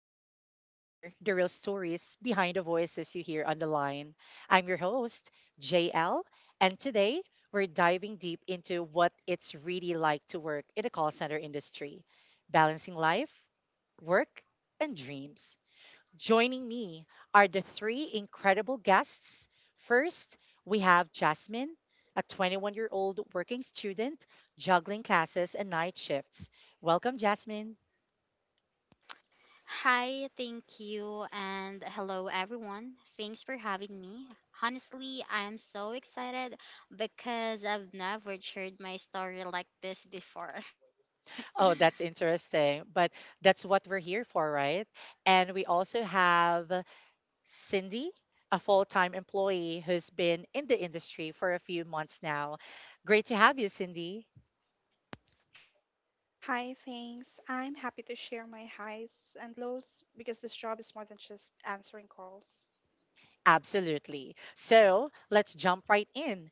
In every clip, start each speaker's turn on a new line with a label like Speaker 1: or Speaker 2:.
Speaker 1: where we uncover the real stories behind the voices you hear on the line. I'm your host, JL, and today we're diving deep into what it's really like to work in the call center industry, balancing life, work, and dreams. Joining me are the three incredible guests. First, we have Jasmine, a 21-year-old working student juggling classes and night shifts. Welcome, Jasmine.
Speaker 2: Hi, thank you, and hello everyone. Thanks for having me. Honestly, I am so excited because I've never shared my story like this before.
Speaker 1: Oh, that's interesting, but that's what we're here for, right? And we also have Cindy, a full time employee who's been in the industry for a few months now. Great to have you, Cindy.
Speaker 3: Hi, thanks. I'm happy to share my highs and lows because this job is more than just answering calls.
Speaker 1: Absolutely. So let's jump right in.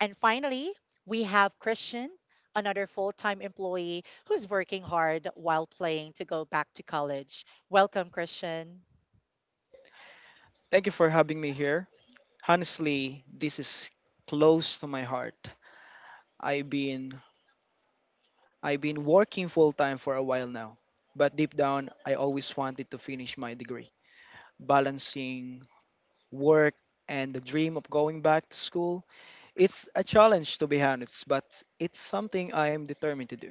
Speaker 1: And finally, we have Christian, another full time employee who's working hard while playing to go back to college. Welcome, Christian.
Speaker 4: Thank you for having me here. Honestly, this is close to my heart. I've been I've been working full time for a while now, but deep down I always wanted to finish my degree. Balancing work and the dream of going back to school, it's a challenge to be honest, but it's something I'm determined to do.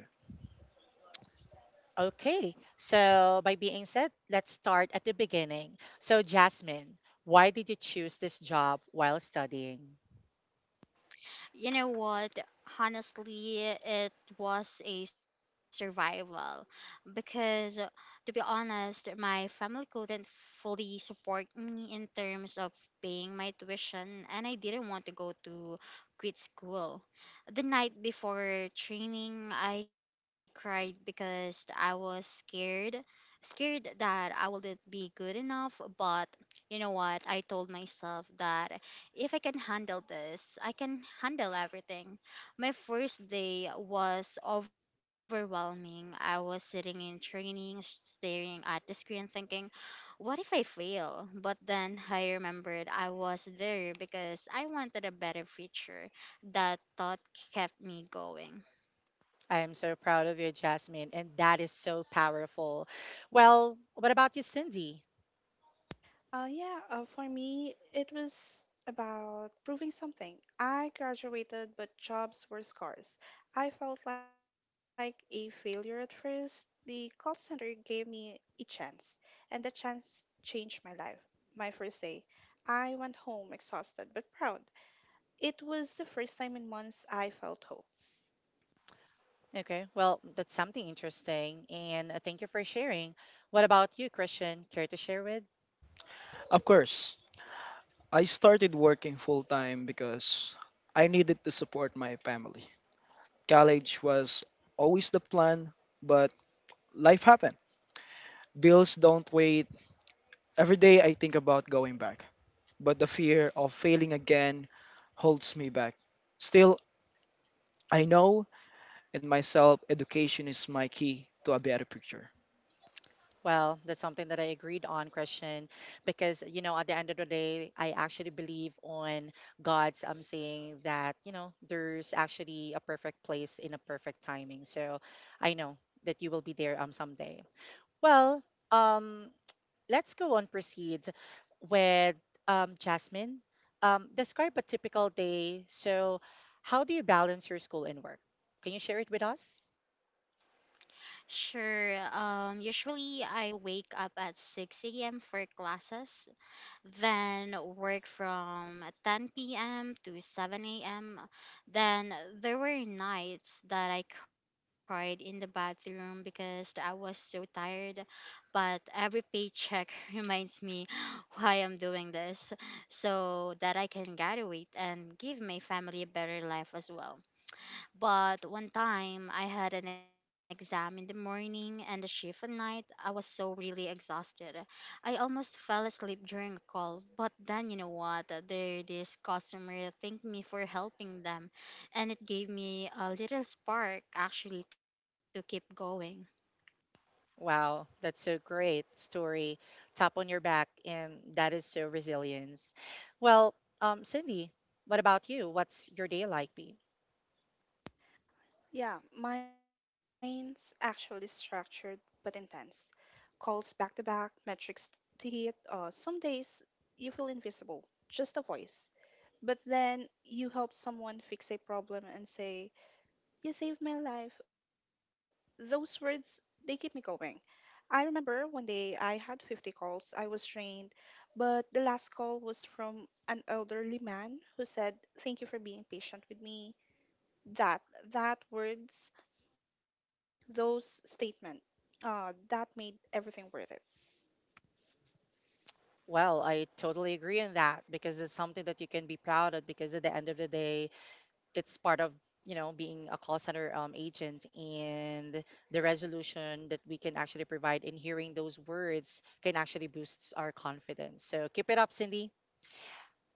Speaker 1: Okay, so by being said, let's start at the beginning. So, Jasmine, why did you choose this job while studying?
Speaker 2: You know what? Honestly, it was a survival because, to be honest, my family couldn't fully support me in terms of paying my tuition, and I didn't want to go to quit school. The night before training, I cried because I was scared. Scared that I wouldn't be good enough, but you know what? I told myself that if I can handle this, I can handle everything. My first day was overwhelming. I was sitting in training, staring at the screen, thinking, what if I fail? But then I remembered I was there because I wanted a better future. That thought kept me going.
Speaker 1: I am so proud of you, Jasmine, and that is so powerful. Well, what about you, Cindy?
Speaker 3: Yeah, for me, it was about proving something. I graduated, but jobs were scarce. I felt like a failure at first. The call center gave me a chance, and that chance changed my life. My first day, I went home exhausted but proud. It was the first time in months I felt hope.
Speaker 1: Okay, well, that's something interesting, and thank you for sharing. What about you, Christian? Care to share with?
Speaker 4: Of course, I started working full time because I needed to support my family. College was always the plan, but life happened. Bills don't wait. Every day I think about going back, but the fear of failing again holds me back. Still, I know in myself education is my key to a better picture.
Speaker 1: Well, that's something that I agreed on, Christian, because you know, at the end of the day, I actually believe on God's saying that, you know, there's actually a perfect place in a perfect timing. So I know that you will be there someday. Well, um let's go on proceed with Jasmine. Describe a typical day. So how do you balance your school and work? Can you share it with us?
Speaker 2: Sure, usually I wake up at 6 a.m. for classes, then work from 10 p.m. to 7 a.m. Then there were nights that I cried in the bathroom because I was so tired, but every paycheck reminds me why I'm doing this so that I can graduate and give my family a better life as well. But one time I had an exam in the morning and a shift at night. I was so really exhausted. I almost fell asleep during a call. But then you know what? There this customer thanked me for helping them, and it gave me a little spark actually to keep going.
Speaker 1: Wow, that's so great story. Tap on your back, and that is so resilience. Well, Cindy, what about you? What's your day like be?
Speaker 3: Yeah, mine's actually structured but intense. Calls back to back, metrics to hit. Some days you feel invisible, just a voice. But then you help someone fix a problem and say, "You saved my life." Those words, they keep me going. I remember one day I had 50 calls. I was drained, but the last call was from an elderly man who said, "Thank you for being patient with me." That, that words those statements That made everything worth it.
Speaker 1: Well, I totally agree on that because it's something that you can be proud of because at the end of the day, it's part of, you know, being a call center agent and the resolution that we can actually provide in hearing those words can actually boost our confidence. So keep it up, Cindy.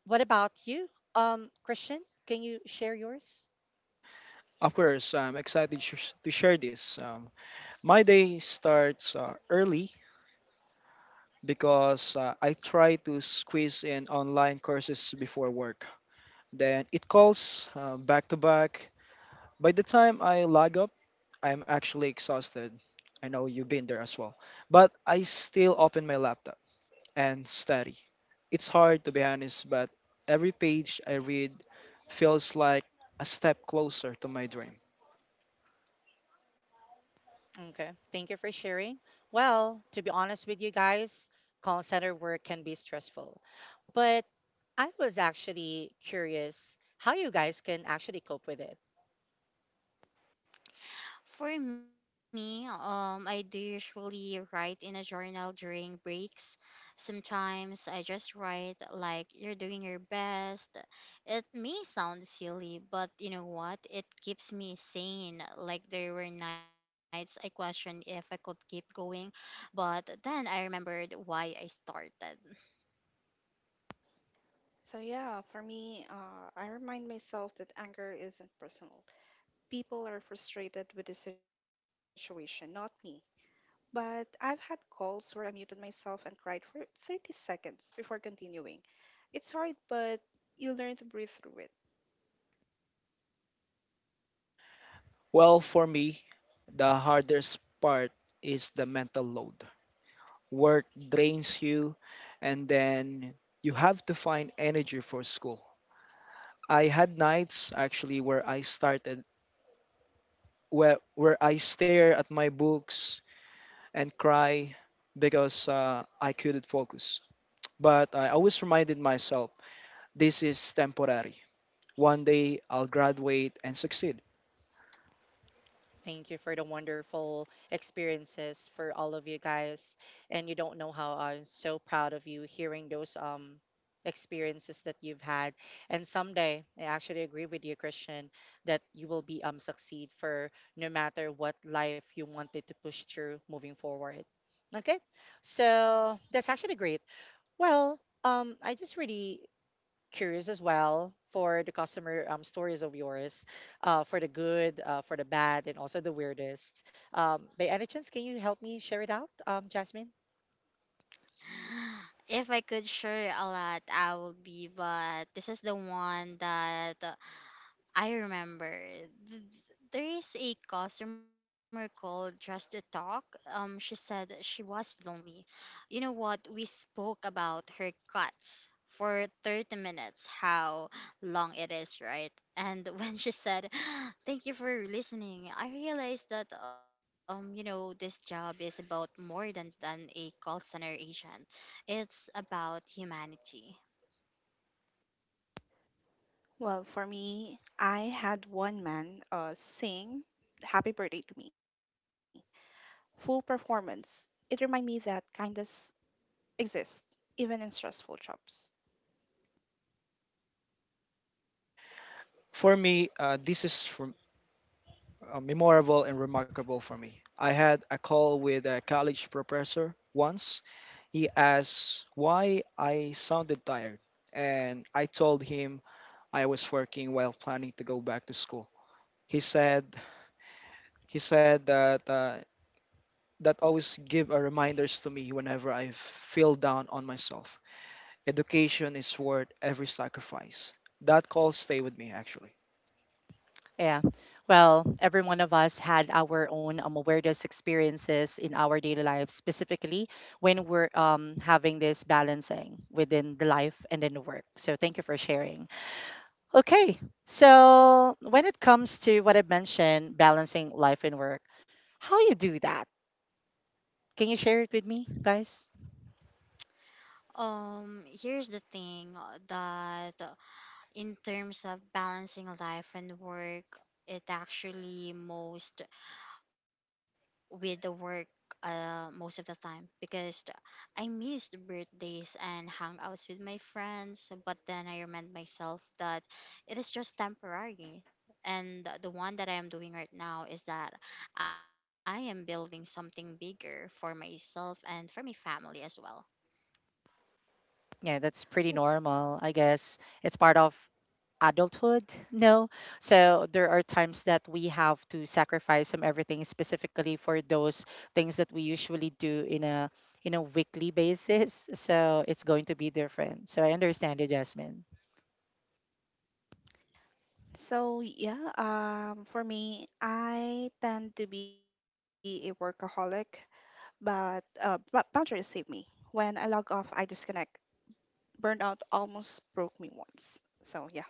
Speaker 1: What about you? Christian, can you share yours?
Speaker 4: Of course, I'm excited to share this. My day starts early because I try to squeeze in online courses before work. Then it calls back to back. By the time I log up, I'm actually exhausted. I know you've been there as well. But I still open my laptop and study. It's hard to be honest, but every page I read feels like a step closer to my dream.
Speaker 1: Okay, thank you for sharing. Well, to be honest with you guys, call center work can be stressful. But I was actually curious how you guys can actually cope with it.
Speaker 2: For me, I do usually write in a journal during breaks. Sometimes I just write like you're doing your best. It may sound silly, but you know what? It keeps me sane. Like, there were nights I questioned if I could keep going, but then I remembered why I started.
Speaker 3: So, I remind myself that anger isn't personal. People are frustrated with the situation, not me. But I've had calls where I muted myself and cried for 30 seconds before continuing. It's hard, but you learn to breathe through it.
Speaker 4: Well, for me, the hardest part is the mental load. Work drains you, and then you have to find energy for school. I had nights actually where I stare at my books and cry because I couldn't focus. But I always reminded myself this is temporary. One day I'll graduate and succeed.
Speaker 1: Thank you for the wonderful experiences for all of you guys. And you don't know how I'm so proud of you hearing those experiences that you've had. And someday, I actually agree with you, Christian, that you will be succeed for no matter what life you wanted to push through moving forward. Okay, so that's actually great. Well, I just really curious as well for the customer stories of yours, for the good, for the bad, and also the weirdest. By any chance, can you help me share it out, Jasmine?
Speaker 2: If I could share a lot, I would be, but this is the one that I remember. Th- There is a customer called just to talk. She said she was lonely. You know what? We spoke about her cuts for 30 minutes, how long it is, right? And when she said, "Thank you for listening," I realized that this job is about more than a call center agent. It's about humanity.
Speaker 3: Well, for me, I had one man sing Happy Birthday to me. Full performance. It reminded me that kindness exist even in stressful jobs.
Speaker 4: For me, this is memorable and remarkable for me. I had a call with a college professor once. He asked why I sounded tired, and I told him I was working while planning to go back to school. He said he said that that always give a reminders to me whenever I feel down on myself. Education is worth every sacrifice. That call stay with me actually.
Speaker 1: Yeah. Well, every one of us had our own weirdest experiences in our daily life, specifically when we're having this balancing within the life and then the work. So thank you for sharing. Okay. So when it comes to what I mentioned, balancing life and work, how you do that? Can you share it with me, guys?
Speaker 2: Here's the thing, that in terms of balancing life and work, it actually most with the work, most of the time, because I missed birthdays and hangouts with my friends. But then I remind myself that it is just temporary. And the one that I am doing right now is that I am building something bigger for myself and for my family as well.
Speaker 1: Yeah, that's pretty normal. I guess it's part of adulthood. No. So there are times that we have to sacrifice some everything specifically for those things that we usually do in a weekly basis. So it's going to be different. So I understand you, Jasmine.
Speaker 3: So for me, I tend to be a workaholic, but boundaries save me. When I log off, I disconnect. Burnout almost broke me once. So yeah,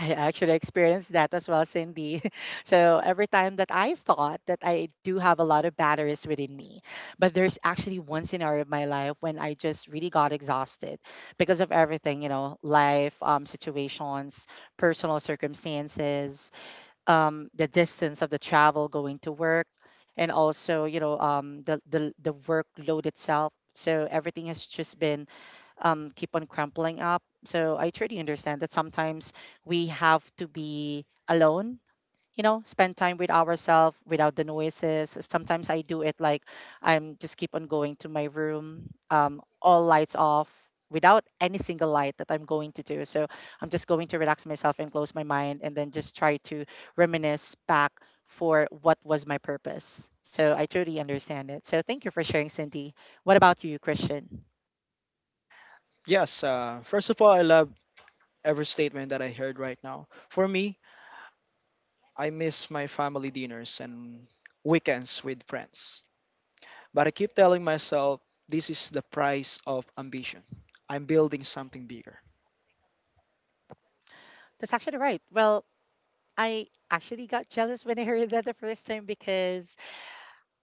Speaker 1: I actually experienced that as well, Cindy. So every time that I thought that I do have a lot of batteries within me, but there's actually one scenario of my life when I just really got exhausted because of everything, you know, life, situations, personal circumstances, the distance of the travel going to work, and also, you know, the workload itself. So everything has just been keep on crumpling up. So I truly understand that sometimes we have to be alone. You know, spend time with ourselves without the noises. Sometimes I do it like I'm just keep on going to my room, all lights off, without any single light that I'm going to do. So I'm just going to relax myself and close my mind and then just try to reminisce back for what was my purpose. So I truly understand it. So thank you for sharing, Cindy. What about you, Christian?
Speaker 4: Yes, first of all, I love every statement that I heard right now. For me, I miss my family dinners and weekends with friends. But I keep telling myself this is the price of ambition. I'm building something bigger.
Speaker 1: That's actually right. Well, I actually got jealous when I heard that the first time because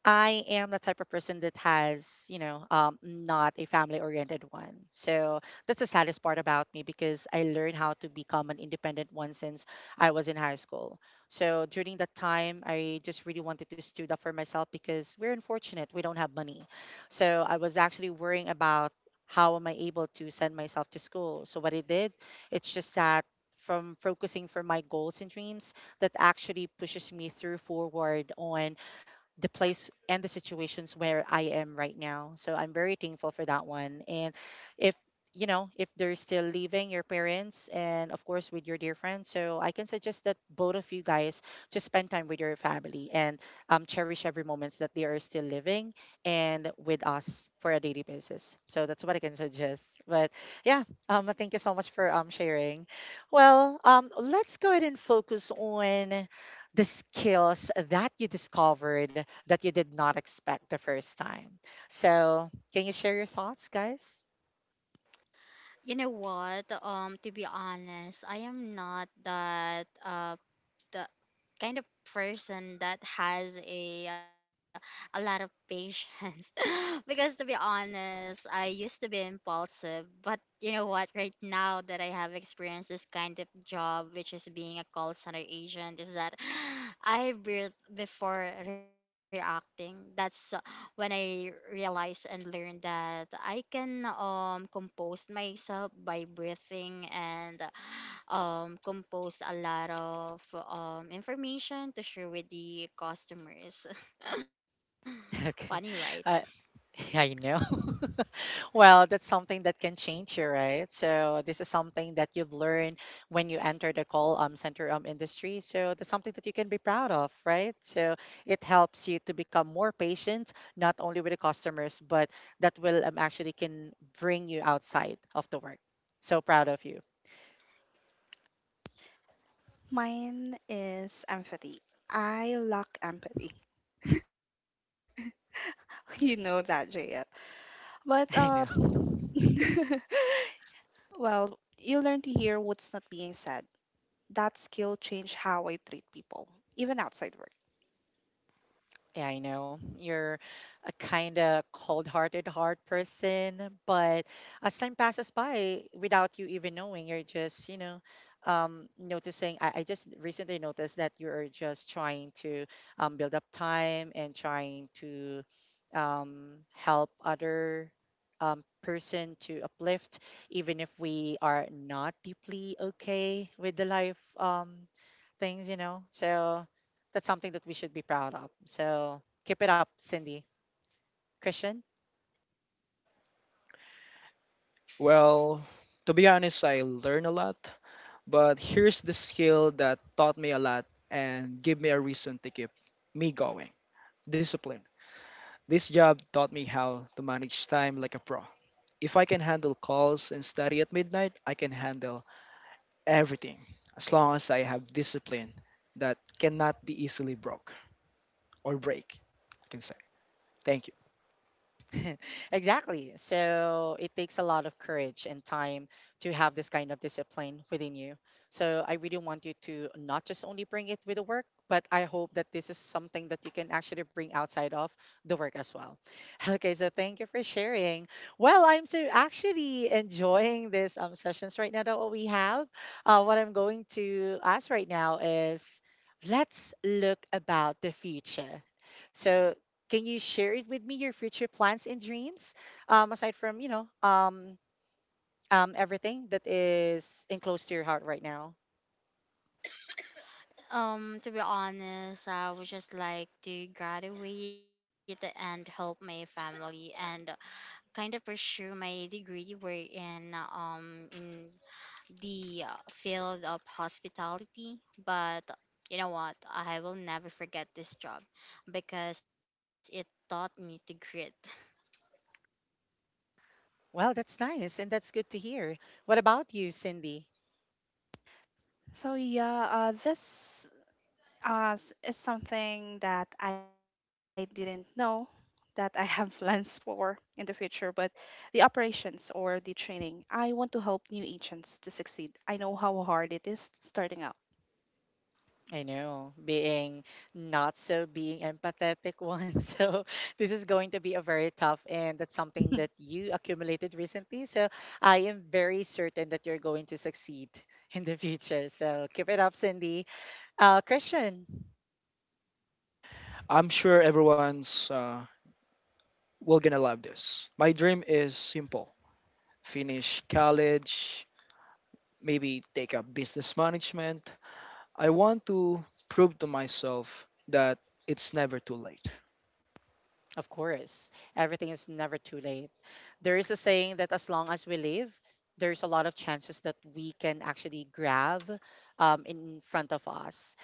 Speaker 1: I am the type of person that has, you know, not a family oriented one. So that's the saddest part about me because I learned how to become an independent one since I was in high school. So during that time, I just really wanted to stood up for myself because we're unfortunate. We don't have money. So I was actually worrying about how am I able to send myself to school. So what I did, it's just that from focusing for my goals and dreams that actually pushes me through forward on the place and the situations where I am right now. So I'm very thankful for that one. And if you know, if they're still leaving your parents and of course with your dear friends, so I can suggest that both of you guys just spend time with your family and cherish every moments that they are still living and with us for a daily basis. So that's what I can suggest. But yeah, thank you so much for sharing. Well, let's go ahead and focus on the skills that you discovered that you did not expect the first time. So, can you share your thoughts, guys?
Speaker 2: You know what? To be honest, I am not that the kind of person that has a lot of patience. Because, to be honest, I used to be impulsive. But you know what? Right now that I have experienced this kind of job, which is being a call center agent, is that I breathe before reacting. That's when I realized and learned that I can compose myself by breathing, and compose a lot of information to share with the customers.
Speaker 1: Okay.
Speaker 2: Funny, right?
Speaker 1: Uh, I know. Well, that's something that can change you, right? So, this is something that you've learned when you enter the call center industry. So, that's something that you can be proud of, right? So, it helps you to become more patient, not only with the customers, but that will actually can bring you outside of the work. So proud of you.
Speaker 3: mine is empathy. I lack empathy. You know that, JL. But
Speaker 1: I know.
Speaker 3: Well, you learn to hear what's not being said. That skill changed how I treat people, even outside work.
Speaker 1: Yeah, I know. You're a kind of cold-hearted hard person, but as time passes by, without you even knowing, you're just, you know, noticing. I just recently noticed that you're just trying to build up time and trying to help other person to uplift, even if we are not deeply okay with the life things, you know. So that's something that we should be proud of. So keep it up, Cindy. Christian?
Speaker 4: Well, to be honest, I learn a lot. But here's the skill that taught me a lot and gave me a reason to keep me going discipline. This job taught me how to manage time like a pro. If I can handle calls and study at midnight, I can handle everything as long as I have discipline that cannot be easily broke or break. I can say thank you.
Speaker 1: Exactly. So it takes a lot of courage and time to have this kind of discipline within you. So I really want you to not just only bring it with the work, but I hope that this is something that you can actually bring outside of the work as well. Okay, so thank you for sharing. Well, I'm so actually enjoying this sessions right now that what we have. What I'm going to ask right now is let's look about the future. So can you share it with me your future plans and dreams? Aside from, you know, everything that is enclosed to your heart right now.
Speaker 2: To be honest, I would just like to graduate and help my family and kind of pursue my degree wherein in the field of hospitality. But you know what? I will never forget this job because it taught me to grit.
Speaker 1: Well, that's nice and that's good to hear. What about you, Cindy?
Speaker 3: So yeah, is something that I didn't know that I have plans for in the future, but the operations or the training, I want to help new agents to succeed. I know how hard it is starting out.
Speaker 1: I know, being not so being empathetic one. So this is going to be a very tough and that's something that you accumulated recently. So I am very certain that you're going to succeed in the future. So keep it up, Cindy. Christian.
Speaker 4: I'm sure everyone's will gonna love this. My dream is simple: finish college, maybe take up business management, I want to prove to myself that it's never too late.
Speaker 1: Of course, everything is never too late. There is a saying that as long as we live, there's a lot of chances that we can actually grab in front of us.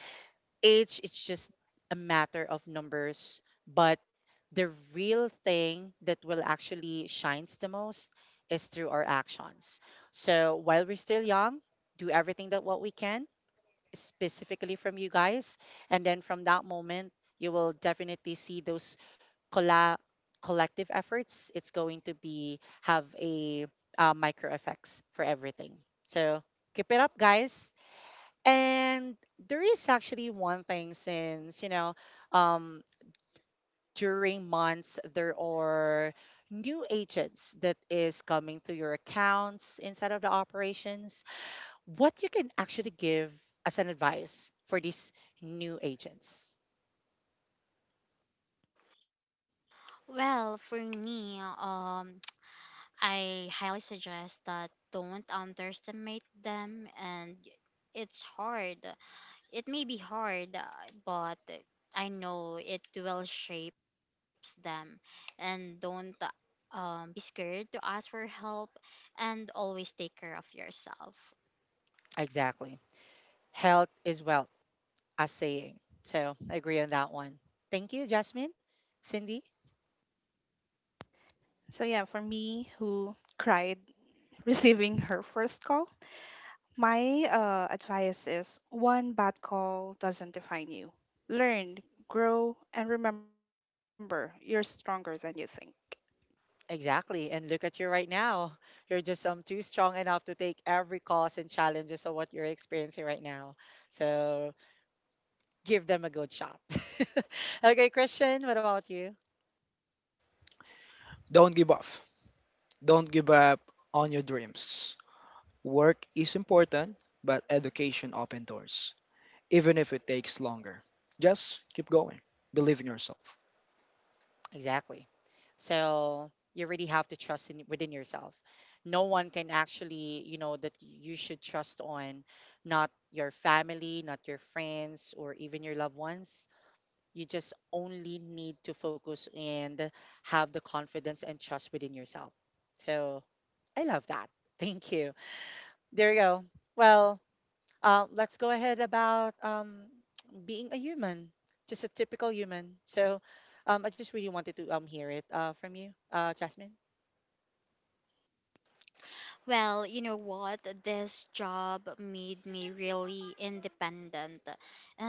Speaker 1: Age is just a matter of numbers, but the real thing that will actually shines the most is through our actions. So while we're still young, do everything that what we can specifically from you guys. And then from that moment, you will definitely see those colla- collective efforts. It's going to be have a micro effects for everything. So keep it up, guys. And there is actually one thing since, you know, um, during months, there are new agents that is coming to your accounts inside of the operations what you can actually give as an advice for these new agents.
Speaker 2: Well, for me, I highly suggest that don't underestimate them, and it's hard. It may be hard, but I know it will shapes them, and don't be scared to ask for help, and always take care of yourself.
Speaker 1: Exactly. Health is wealth, as saying. So I agree on that one. Thank you, Jasmine. Cindy?
Speaker 3: So yeah, for me who cried receiving her first call, my advice is one bad call doesn't define you. Learn, grow, and remember you're stronger than you think.
Speaker 1: Exactly. And look at you right now. You're just too strong enough to take every cause and challenges of what you're experiencing right now. So give them a good shot. Okay, Christian, what about you?
Speaker 4: Don't give up. Don't give up on your dreams. Work is important, but education opens doors, even if it takes longer. Just keep going. Believe in yourself.
Speaker 1: Exactly. So you really have to trust in, within yourself. No one can actually, that you should trust on, not your family, not your friends, or even your loved ones. You just only need to focus and have the confidence and trust within yourself. So I love that. Thank you. There you go. Well, let's go ahead about being a human, just a typical human. So I just really wanted to hear it from you, Jasmine.
Speaker 2: Well, you know what? This job made me really independent,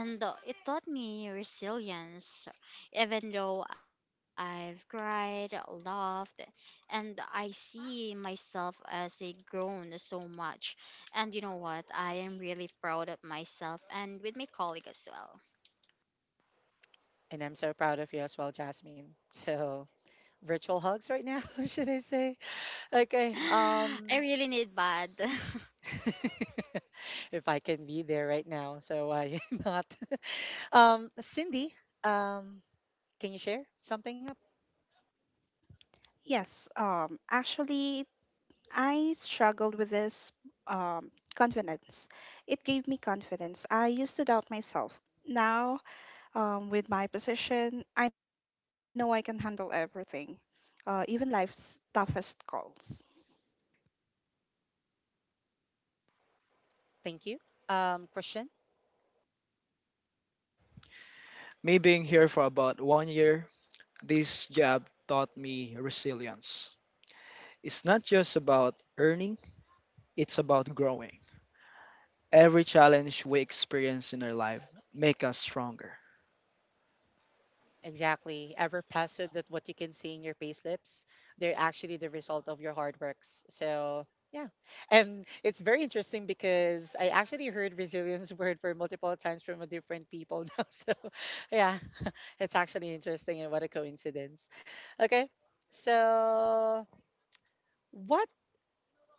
Speaker 2: and it taught me resilience. Even though I've cried, laughed, and I see myself as a grown so much. And you know what? I am really proud of myself and with my colleague as well.
Speaker 1: And I'm so proud of you as well, Jasmine. So virtual hugs right now, should I say? Okay.
Speaker 2: I really need bad.
Speaker 1: If I can be there right now, so why not? Cindy, um, can you share something up?
Speaker 3: Yes, I struggled with this confidence. It gave me confidence. I used to doubt myself. Now, with my position, I know I can handle everything, even life's toughest calls.
Speaker 1: Thank you. Question.
Speaker 4: Me being here for about 1 year, this job taught me resilience. It's not just about earning, it's about growing. Every challenge we experience in our life make us stronger.
Speaker 1: Exactly. Ever past so that what you can see in your payslips, they're actually the result of your hard works. So yeah. And it's very interesting because I actually heard resilience word for multiple times from a different people now. So yeah, it's actually interesting and what a coincidence. Okay. So what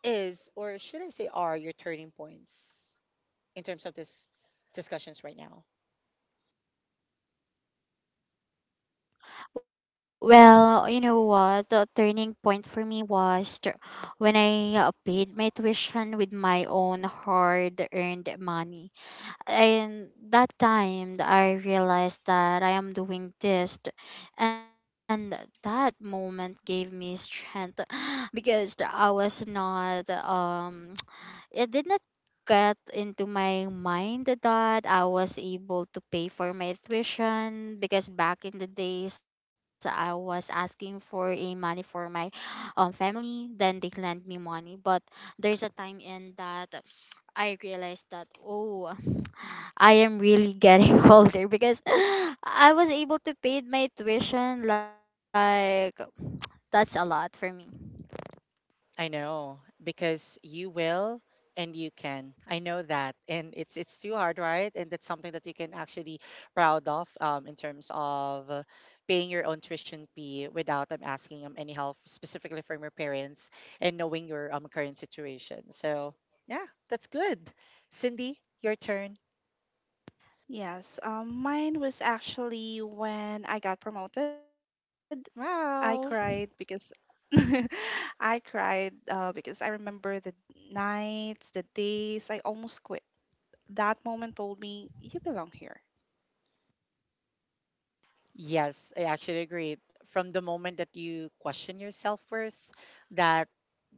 Speaker 1: is or should I say are your turning points in terms of this discussions right now?
Speaker 2: Well, you know what? The turning point for me was when I paid my tuition with my own hard-earned money. And that time, I realized that I am doing this, and that moment gave me strength. Because I was not it did not get into my mind that I was able to pay for my tuition, because back in the days I was asking for a money for my family, then they lent me money. But there's a time in that I realized that, oh, I am really getting older because I was able to pay my tuition, like, that's a lot for me.
Speaker 1: I know because you will and you can. I know that, and it's too hard, right? And that's something that you can actually proud of, in terms of paying your own tuition fee without asking any help, specifically from your parents, and knowing your current situation. So yeah, that's good. Cindy, your turn.
Speaker 3: Yes, mine was actually when I got promoted. I cried because—
Speaker 1: Wow.
Speaker 3: I cried because I remember the nights, the days. I almost quit. That moment told me you belong here.
Speaker 1: Yes, I actually agree. From the moment that you question your self-worth, that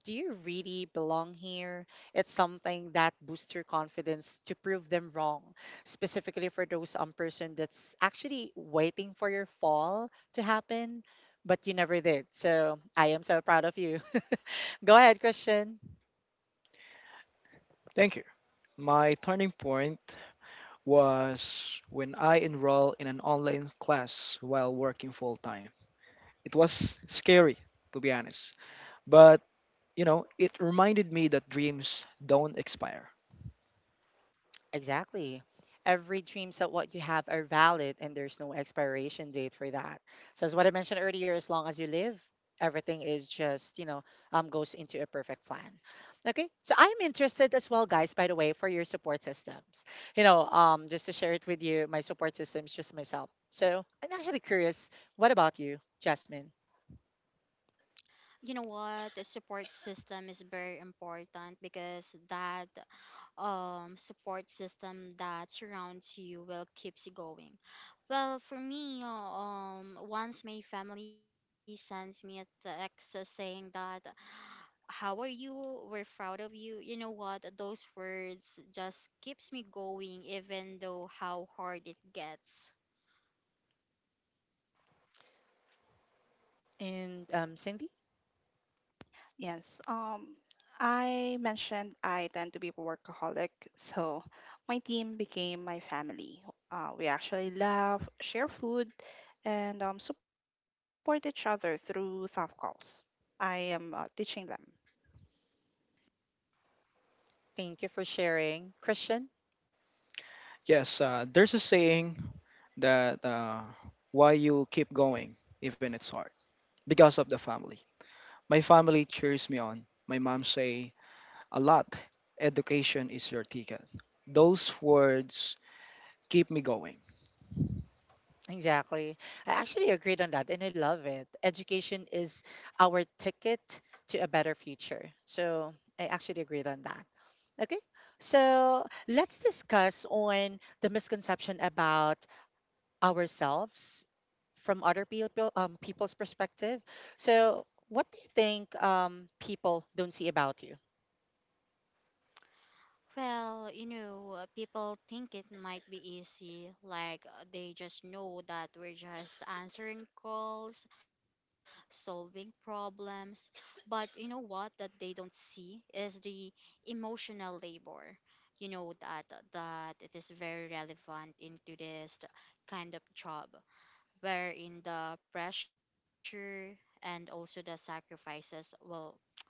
Speaker 1: do you really belong here? It's something that boosts your confidence to prove them wrong, specifically for those person that's actually waiting for your fall to happen, but you never did. So I am so proud of you. Go ahead, Christian.
Speaker 4: Thank you. My turning point was when I enrolled in an online class while working full time. It was scary, to be honest, but you know, it reminded me that dreams don't expire.
Speaker 1: Exactly. Every dreams that what you have are valid and there's no expiration date for that. So as what I mentioned earlier, as long as you live, everything is just, goes into a perfect plan. Okay. So I'm interested as well, guys, by the way, for your support systems. Just to share it with you, my support system is just myself. So I'm actually curious, what about you, Jasmine?
Speaker 2: You know what? The support system is very important because that support system that surrounds you will keeps you going. Well, for me, once my family sends me a text saying that, "How are you? We're proud of you." You know what? Those words just keeps me going, even though how hard it gets.
Speaker 1: And Cindy,
Speaker 3: Yes. I mentioned I tend to be a workaholic, so my team became my family. We actually laugh, share food, and support each other through tough calls. I am teaching them.
Speaker 1: thank you for sharing. Christian?
Speaker 4: Yes, there's a saying that why you keep going, even it's hard, because of the family. My family cheers me on. My mom say a lot, education is your ticket. Those words keep me going.
Speaker 1: Exactly. I actually agreed on that and I love it. Education is our ticket to a better future. So I actually agreed on that. Okay. So let's discuss on the misconception about ourselves from other people, people's perspective. So what do you think people don't see about you?
Speaker 2: Well, people think it might be easy, like, they just know that we're just answering calls, solving problems. But you know what that they don't see is the emotional labor. You know that it is very relevant into this kind of job, wherein the pressure and also the sacrifices, well,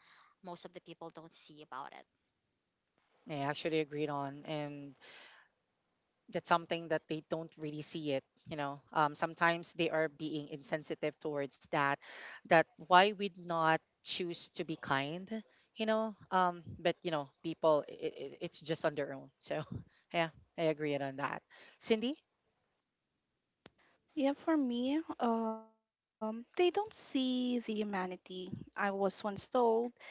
Speaker 2: most of the people don't see about it.
Speaker 1: I actually agreed on, and that's something that they don't really see it, sometimes they are being insensitive towards that. That why we'd not choose to be kind, but people, it's just on their own, so yeah, I agree on that. Cindy,
Speaker 3: Yeah, for me, they don't see the humanity. I was once told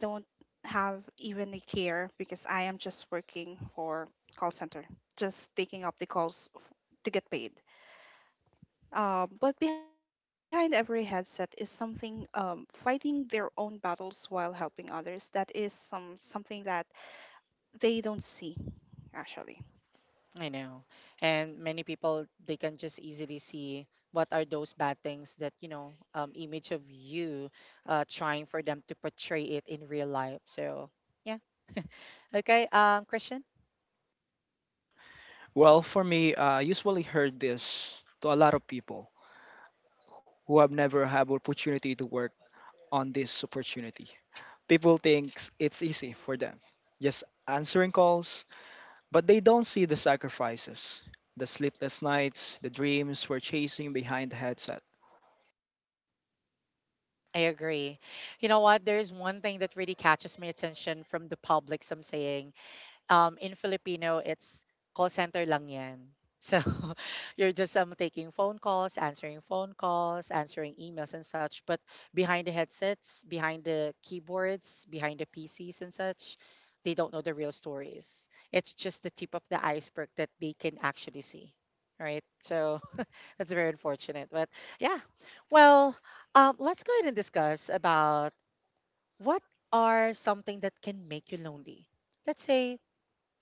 Speaker 3: I don't have even a care because I am just working for call center, just taking up the calls to get paid. But behind every headset is something fighting their own battles while helping others. That is something that they don't see, actually.
Speaker 1: I know, and many people they can just easily see what are those bad things, that image of you trying for them to portray it in real life, so yeah. Okay. Christian,
Speaker 4: Well, for me, I usually heard this to a lot of people who have never had opportunity to work on this opportunity. People think it's easy for them, just answering calls, but they don't see the sacrifices, the sleepless nights, the dreams we're chasing behind the headset.
Speaker 1: I agree. You know what? There is one thing that really catches my attention from the public, some saying. In Filipino, it's call center lang yan. So you're just taking phone calls, answering emails and such. But behind the headsets, behind the keyboards, behind the PCs and such, they don't know the real stories. It's just the tip of the iceberg that they can actually see. Right? So that's very unfortunate, but yeah. Well, let's go ahead and discuss about what are something that can make you lonely. Let's say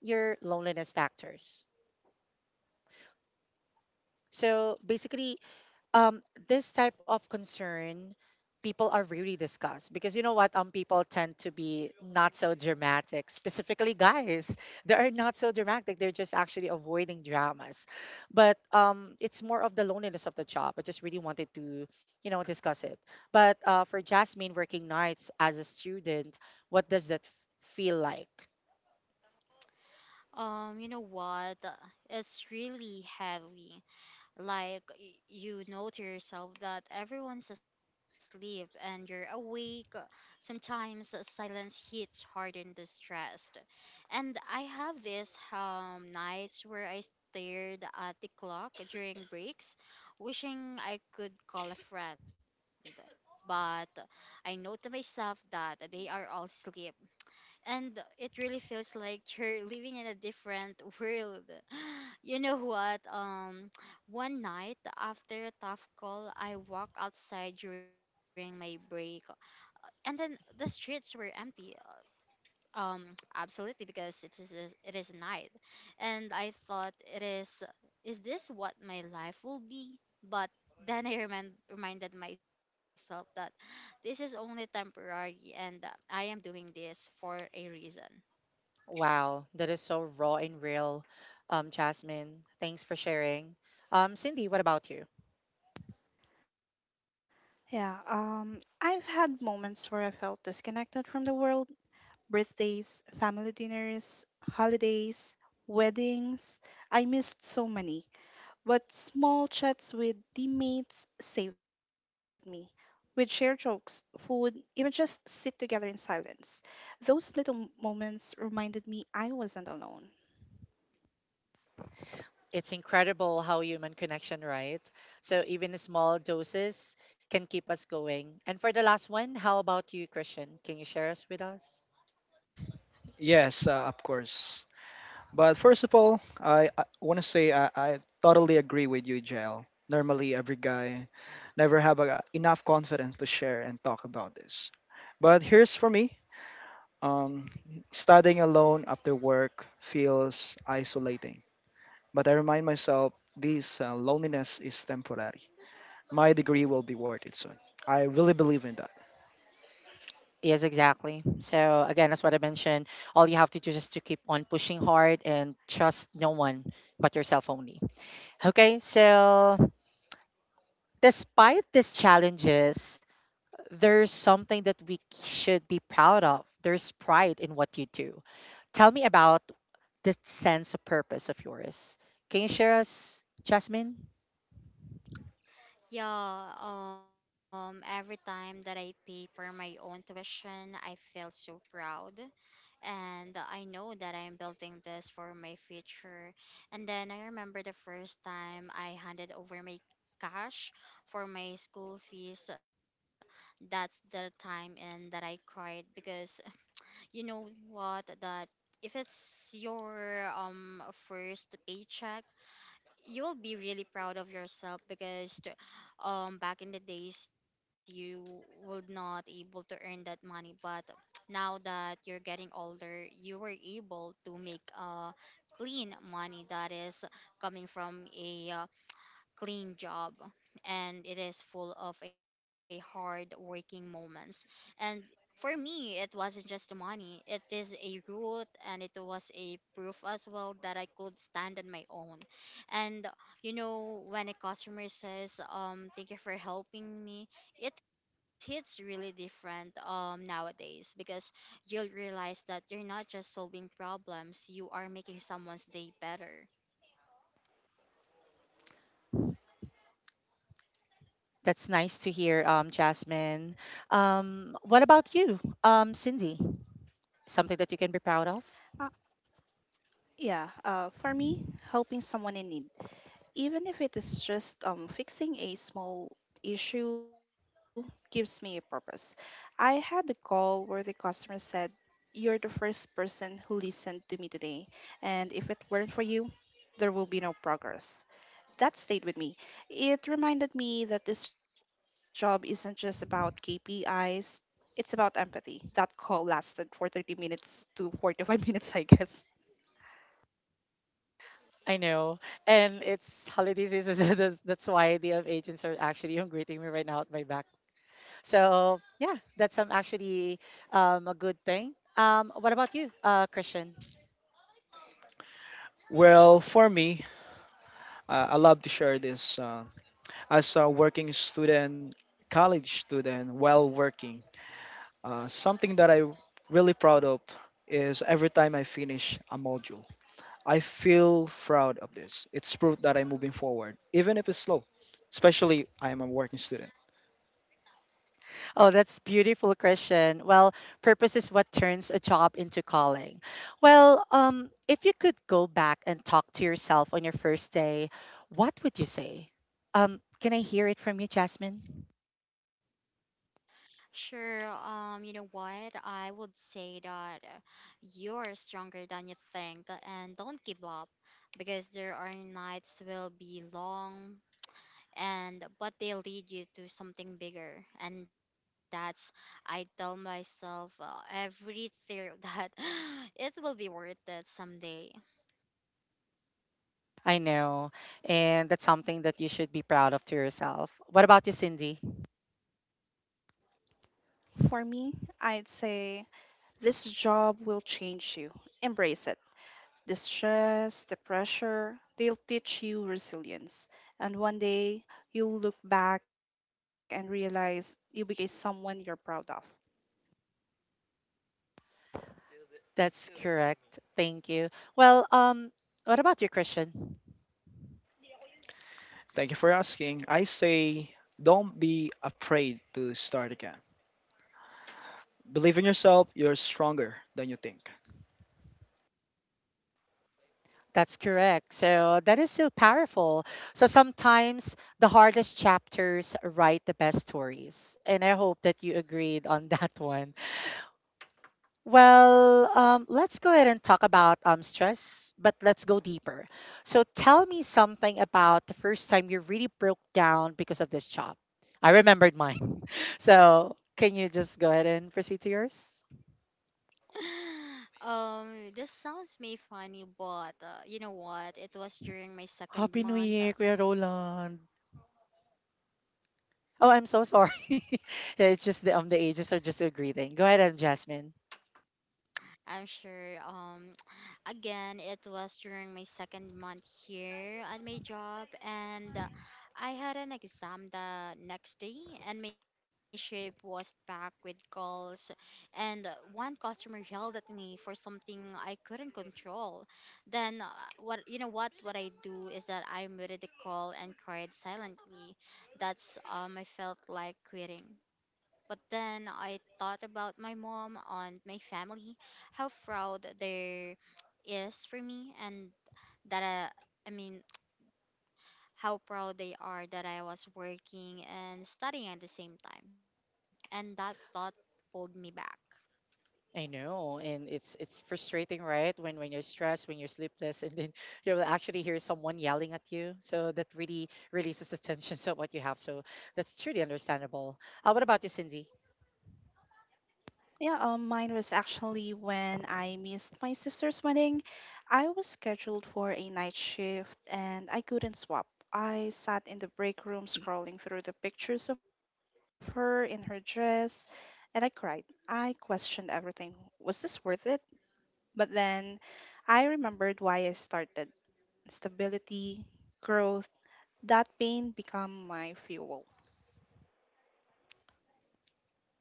Speaker 1: your loneliness factors. So basically, um this type of concern, people are really discussed because you know what, people tend to be not so dramatic, specifically guys. They are not so dramatic, they're just actually avoiding dramas. But it's more of the loneliness of the job. I just really wanted to, discuss it, but for Jasmine, working nights as a student, what does that feel like?
Speaker 2: You know what? It's really heavy. Like, you know to yourself that everyone's asleep and you're awake. Sometimes silence hits hard and distressed. And I have these nights where I stared at the clock during breaks, wishing I could call a friend. But I know to myself that they are all asleep, and it really feels like you're living in a different world. You know what? One night after a tough call, I walked outside during my break, and then the streets were empty. Absolutely, because it is it is night, and I thought, it is this what my life will be? But then I reminded myself that this is only temporary, and I am doing this for a reason.
Speaker 1: Wow, that is so raw and real. Jasmine, thanks for sharing. Cindy, what about you?
Speaker 3: Yeah, I've had moments where I felt disconnected from the world: birthdays, family dinners, holidays, weddings. I missed so many, but small chats with teammates saved me. We'd share jokes, food, even just sit together in silence. Those little moments reminded me I wasn't alone.
Speaker 1: It's incredible how human connection, right? So even small doses can keep us going. And for the last one, how about you, Christian? Can you share us with us?
Speaker 4: Yes, of course. But first of all, I want to say I totally agree with you, JL. Normally, every guy never have a, enough confidence to share and talk about this. But here's for me. Um, Studying alone after work feels isolating. But I remind myself this loneliness is temporary. My degree will be worth it soon. I really believe in that.
Speaker 1: Yes, exactly. So again, that's what I mentioned. All you have to do is just to keep on pushing hard and trust no one but yourself only. Okay, so despite these challenges, there's something that we should be proud of. There's pride in what you do. Tell me about the sense of purpose of yours. Can you share us, Jasmine?
Speaker 2: Yeah, every time that I pay for my own tuition, I feel so proud. And I know that I'm building this for my future. And then I remember the first time I handed over my cash for my school fees. That's the time and that I cried because, you know what, that if it's your first paycheck, you'll be really proud of yourself because back in the days you would not able to earn that money. But now that you're getting older, you were able to make clean money that is coming from a clean job, and it is full of a hard working moments. And for me, it wasn't just the money, it is a root, and it was a proof as well that I could stand on my own. And you know, when a customer says, thank you for helping me, it hits really different nowadays because you'll realize that you're not just solving problems, you are making someone's day better.
Speaker 1: That's nice to hear, Jasmine. What about you, Cindy? Something that you can be proud of?
Speaker 3: Uh, yeah, for me, helping someone in need, even if it is just fixing a small issue gives me a purpose. I had a call where the customer said, "You're the first person who listened to me today, and if it weren't for you there will be no progress." That stayed with me. It reminded me that this job isn't just about KPIs, it's about empathy. That call lasted for 30 minutes to 45 minutes, I guess.
Speaker 1: I know. And it's holiday season, so that's why the agents are actually greeting me right now at my back. So, yeah, that's actually a good thing. What about you, Christian?
Speaker 4: Well, for me, I love to share this. As a working student, college student, while working, something that I'm really proud of is every time I finish a module, I feel proud of this. It's proof that I'm moving forward, even if it's slow, especially I am a working student.
Speaker 1: Oh, that's beautiful, Christian. Well, purpose is what turns a job into calling. Well, if you could go back and talk to yourself on your first day, what would you say? Can I hear it from you, Jasmine?
Speaker 2: Sure, you know what? I would say that, you're stronger than you think, and don't give up because there are nights will be long, and but they lead you to something bigger. And that's, I tell myself every day, that it will be worth it someday.
Speaker 1: I know, and that's something that you should be proud of to yourself. What about you, Cindy?
Speaker 3: For me, I'd say this job will change you. Embrace it. The stress, the pressure, they'll teach you resilience. And one day you'll look back and realize you became someone you're proud of.
Speaker 1: That's correct. Thank you. Well, what about you, Christian?
Speaker 4: Thank you for asking. I say don't be afraid to start again. Believe in yourself, you're stronger than you think.
Speaker 1: That's correct. So that is so powerful. So sometimes the hardest chapters write the best stories. And I hope that you agreed on that one. Well, let's go ahead and talk about stress, but let's go deeper. So tell me something about the first time you really broke down because of this job. I remembered mine. So can you just go ahead and proceed to yours?
Speaker 2: This sounds may funny, but you know what? It was during my second
Speaker 1: Happy New
Speaker 2: month.
Speaker 1: Year, Kuya Roland. Oh, I'm so sorry. Yeah, it's just the ages are just a greeting. Go ahead, Jasmine.
Speaker 2: I'm sure. Again, it was during my second month here at my job, and I had an exam the next day, and my shift was packed with calls, and one customer yelled at me for something I couldn't control. Then, what you know, what I do is that I muted the call and cried silently. That's I felt like quitting, but then I thought about my mom and my family, how proud there is for me, and I mean, how proud they are that I was working and studying at the same time, and that thought pulled me back.
Speaker 1: I know, and it's frustrating, right? When you're stressed, when you're sleepless, and then you'll actually hear someone yelling at you. So that really releases the tension of what you have. So that's truly understandable. What about you, Cindy?
Speaker 3: Yeah, mine was actually when I missed my sister's wedding. I was scheduled for a night shift and I couldn't swap. I sat in the break room scrolling through the pictures of her in her dress and I cried. I questioned everything. Was this worth it? But then I remembered why I started: stability, growth. That pain become my fuel.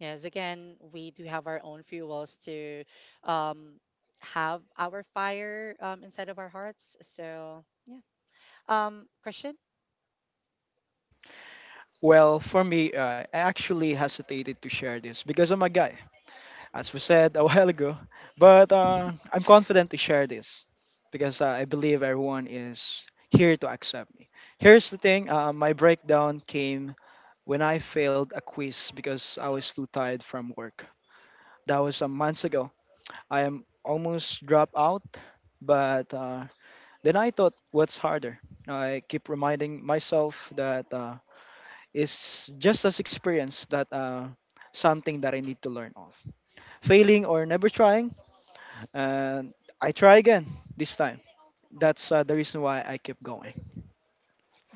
Speaker 1: Yes, again, we do have our own fuels to um have our fire, inside of our hearts. So yeah. Question.
Speaker 4: Well, for me, I actually hesitated to share this because I'm a guy, as we said a while ago. But I'm confident to share this because I believe everyone is here to accept me. Here's the thing my breakdown came when I failed a quiz because I was too tired from work. That was some months ago. I am almost dropped out, but then I thought, what's harder? I keep reminding myself that it's just as experience that something that I need to learn of. Failing or never trying, and I try again this time. That's the reason why I keep going.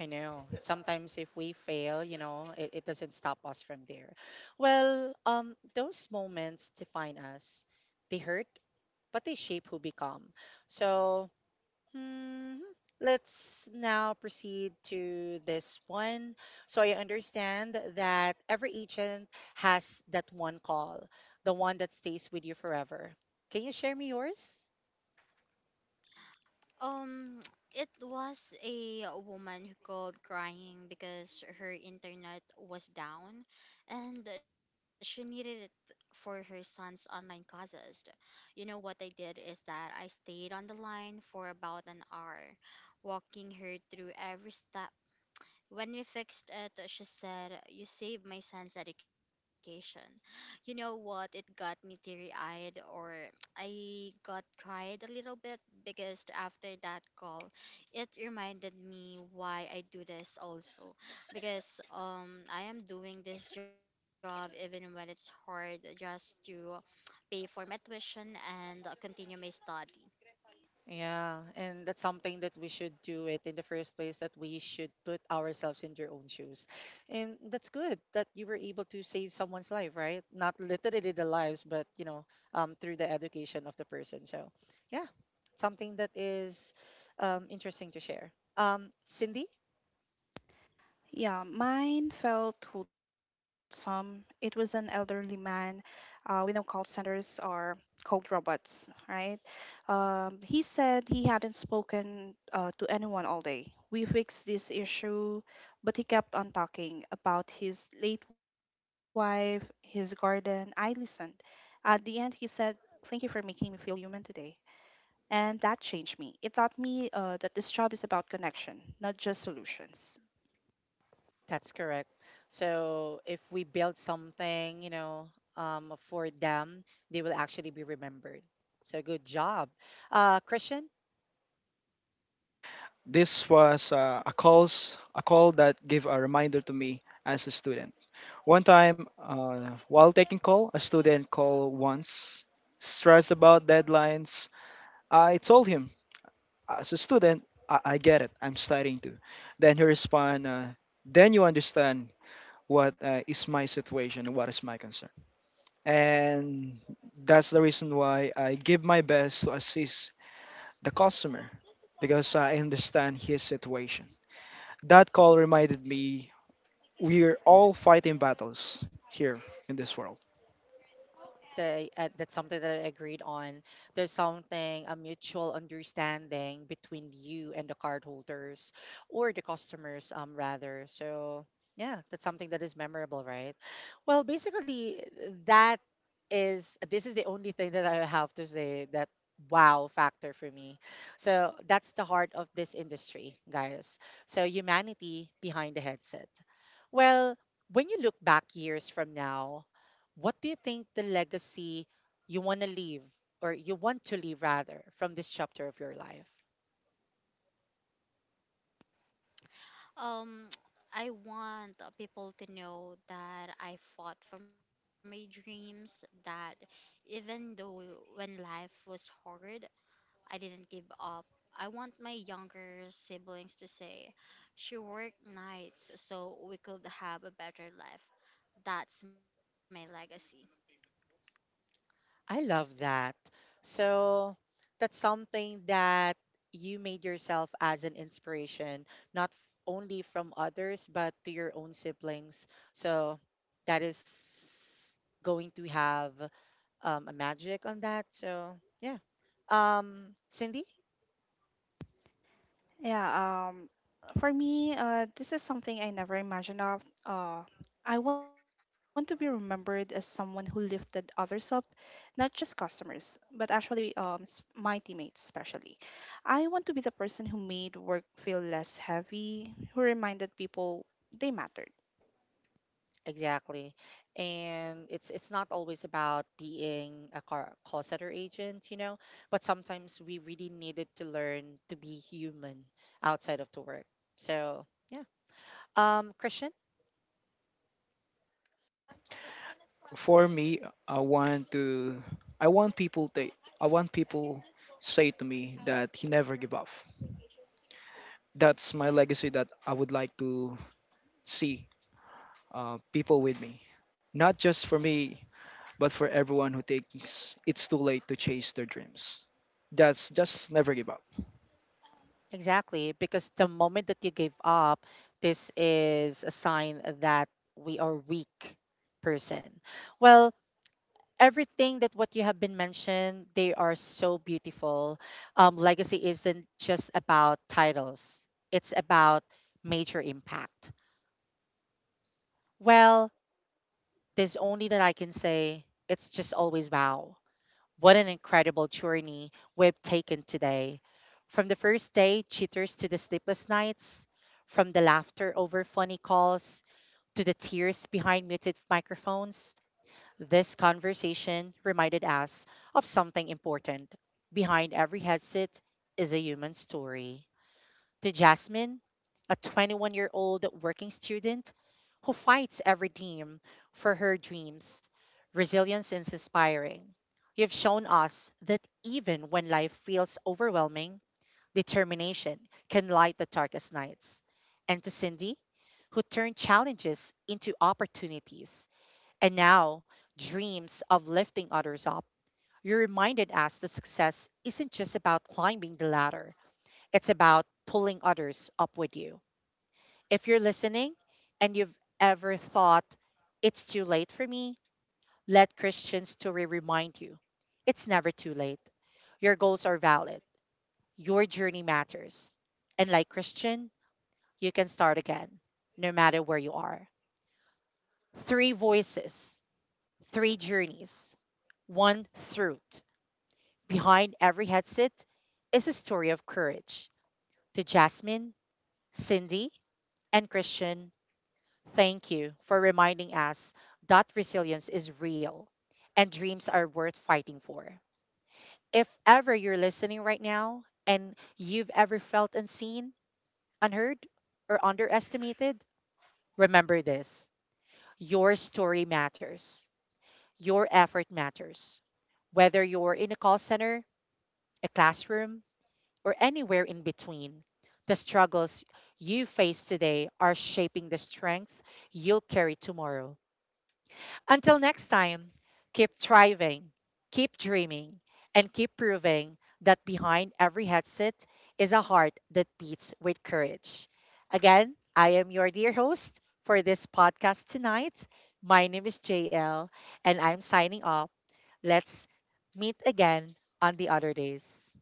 Speaker 1: I know. Sometimes if we fail, you know, it doesn't stop us from there. Well, those moments define us. They hurt, but they shape who become. So, hmm, let's now proceed to this one. So I understand that every agent has that one call, the one that stays with you forever. Can you share me yours?
Speaker 2: Um, it was a woman who called crying because her internet was down and she needed it for her son's online classes. You know, what I did is that I stayed on the line for about an hour, walking her through every step. When we fixed it, she said, "You saved my son's education." You know what? It got me teary eyed, or I got cried a little bit because after that call, it reminded me why I do this also. Because I am doing this job even when it's hard just to pay for my tuition and continue my study.
Speaker 1: Yeah, and that's something that we should do it in the first place, that we should put ourselves in their own shoes. And that's good that you were able to save someone's life, right? Not literally the lives, but through the education of the person. So, yeah, something that is interesting to share. Cindy,
Speaker 3: Yeah, mine felt wholesome. It was an elderly man. We know call centers are cold robots, right? He said he hadn't spoken to anyone all day. We fixed this issue, but he kept on talking about his late wife, his garden. I listened. At the end, he said, "Thank you for making me feel human today." And that changed me. It taught me that this job is about connection, not just solutions.
Speaker 1: that's correct. So, if we build something, for them, they will actually be remembered. So, good job. Christian,
Speaker 4: This was a calls a call that gave a reminder to me as a student. One time, while taking call, a student called once, stressed about deadlines. I told him, as a student, I get it. I'm studying too. Then he responded, then you understand what is my situation and what is my concern. And that's the reason why I give my best to assist the customer, because I understand his situation. That call reminded me we're all fighting battles here in this world.
Speaker 1: they that's something that I agreed on. There's something a mutual understanding between you and the cardholders or the customers, rather. So yeah, that's something that is memorable, right? Well, basically, that is this is the only thing that I have to say, that wow factor for me. So that's the heart of this industry, guys. So humanity behind the headset. Well, when you look back years from now, what do you think the legacy you want to leave, or you want to leave rather, from this chapter of your life?
Speaker 2: Um, I want people to know that I fought for my dreams, that even though when life was hard, I didn't give up. I want my younger siblings to say, "She worked nights so we could have a better life." That's my legacy.
Speaker 1: I love that. So that's something that you made yourself as an inspiration, not only from others, but to your own siblings. So that is going to have, a magic on that. So, yeah. Cindy?
Speaker 3: Yeah, um, for me, this is something I never imagined of. I want to be remembered as someone who lifted others up, not just customers, but actually my teammates especially. I want to be the person who made work feel less heavy, who reminded people they mattered.
Speaker 1: Exactly. And it's not always about being a call center agent, you know, but sometimes we really needed to learn to be human outside of the work. So, yeah. Christian,
Speaker 4: For me, I want to, I want people to, I want people say to me that he never give up. That's my legacy that I would like to see people with me, not just for me, but for everyone who thinks it's too late to chase their dreams. That's just never give up.
Speaker 1: exactly, because the moment that you give up, this is a sign that we are weak person. Well, everything that what you have been mentioned, they are so beautiful. Legacy isn't just about titles, it's about major impact. Well, there's only that I can say, it's just always wow. What an incredible journey we've taken today, from the first day cheaters to the sleepless nights, from the laughter over funny calls to the tears behind muted microphones. This conversation reminded us of something important. Behind every headset is a human story. To Jasmine, a 21-year-old year old working student who fights every dream for her dreams, resilience is inspiring. You've shown us that even when life feels overwhelming, determination can light the darkest nights. And to Cindy, who turned challenges into opportunities and now dreams of lifting others up. You reminded us that success isn't just about climbing the ladder, it's about pulling others up with you. If you're listening and you've ever thought, it's too late for me, let Christian Story remind you it's never too late. Your goals are valid, your journey matters. And like Christian, you can start again, no matter where you are. Three voices, three journeys, one throat. Behind every headset is a story of courage. To Jasmine, Cindy, and Christian, thank you for reminding us that resilience is real and dreams are worth fighting for. If ever you're listening right now and you've ever felt unseen, unheard, or underestimated, remember this, your story matters, your effort matters. Whether you're in a call center, a classroom, or anywhere in between. The struggles you face today are shaping the strength you'll carry tomorrow. Until next time, keep thriving, keep dreaming, and keep proving that behind every headset is a heart that beats with courage. Again, I am your dear host for this podcast tonight. My name is JL, and I'm signing off. Let's meet again on the other days.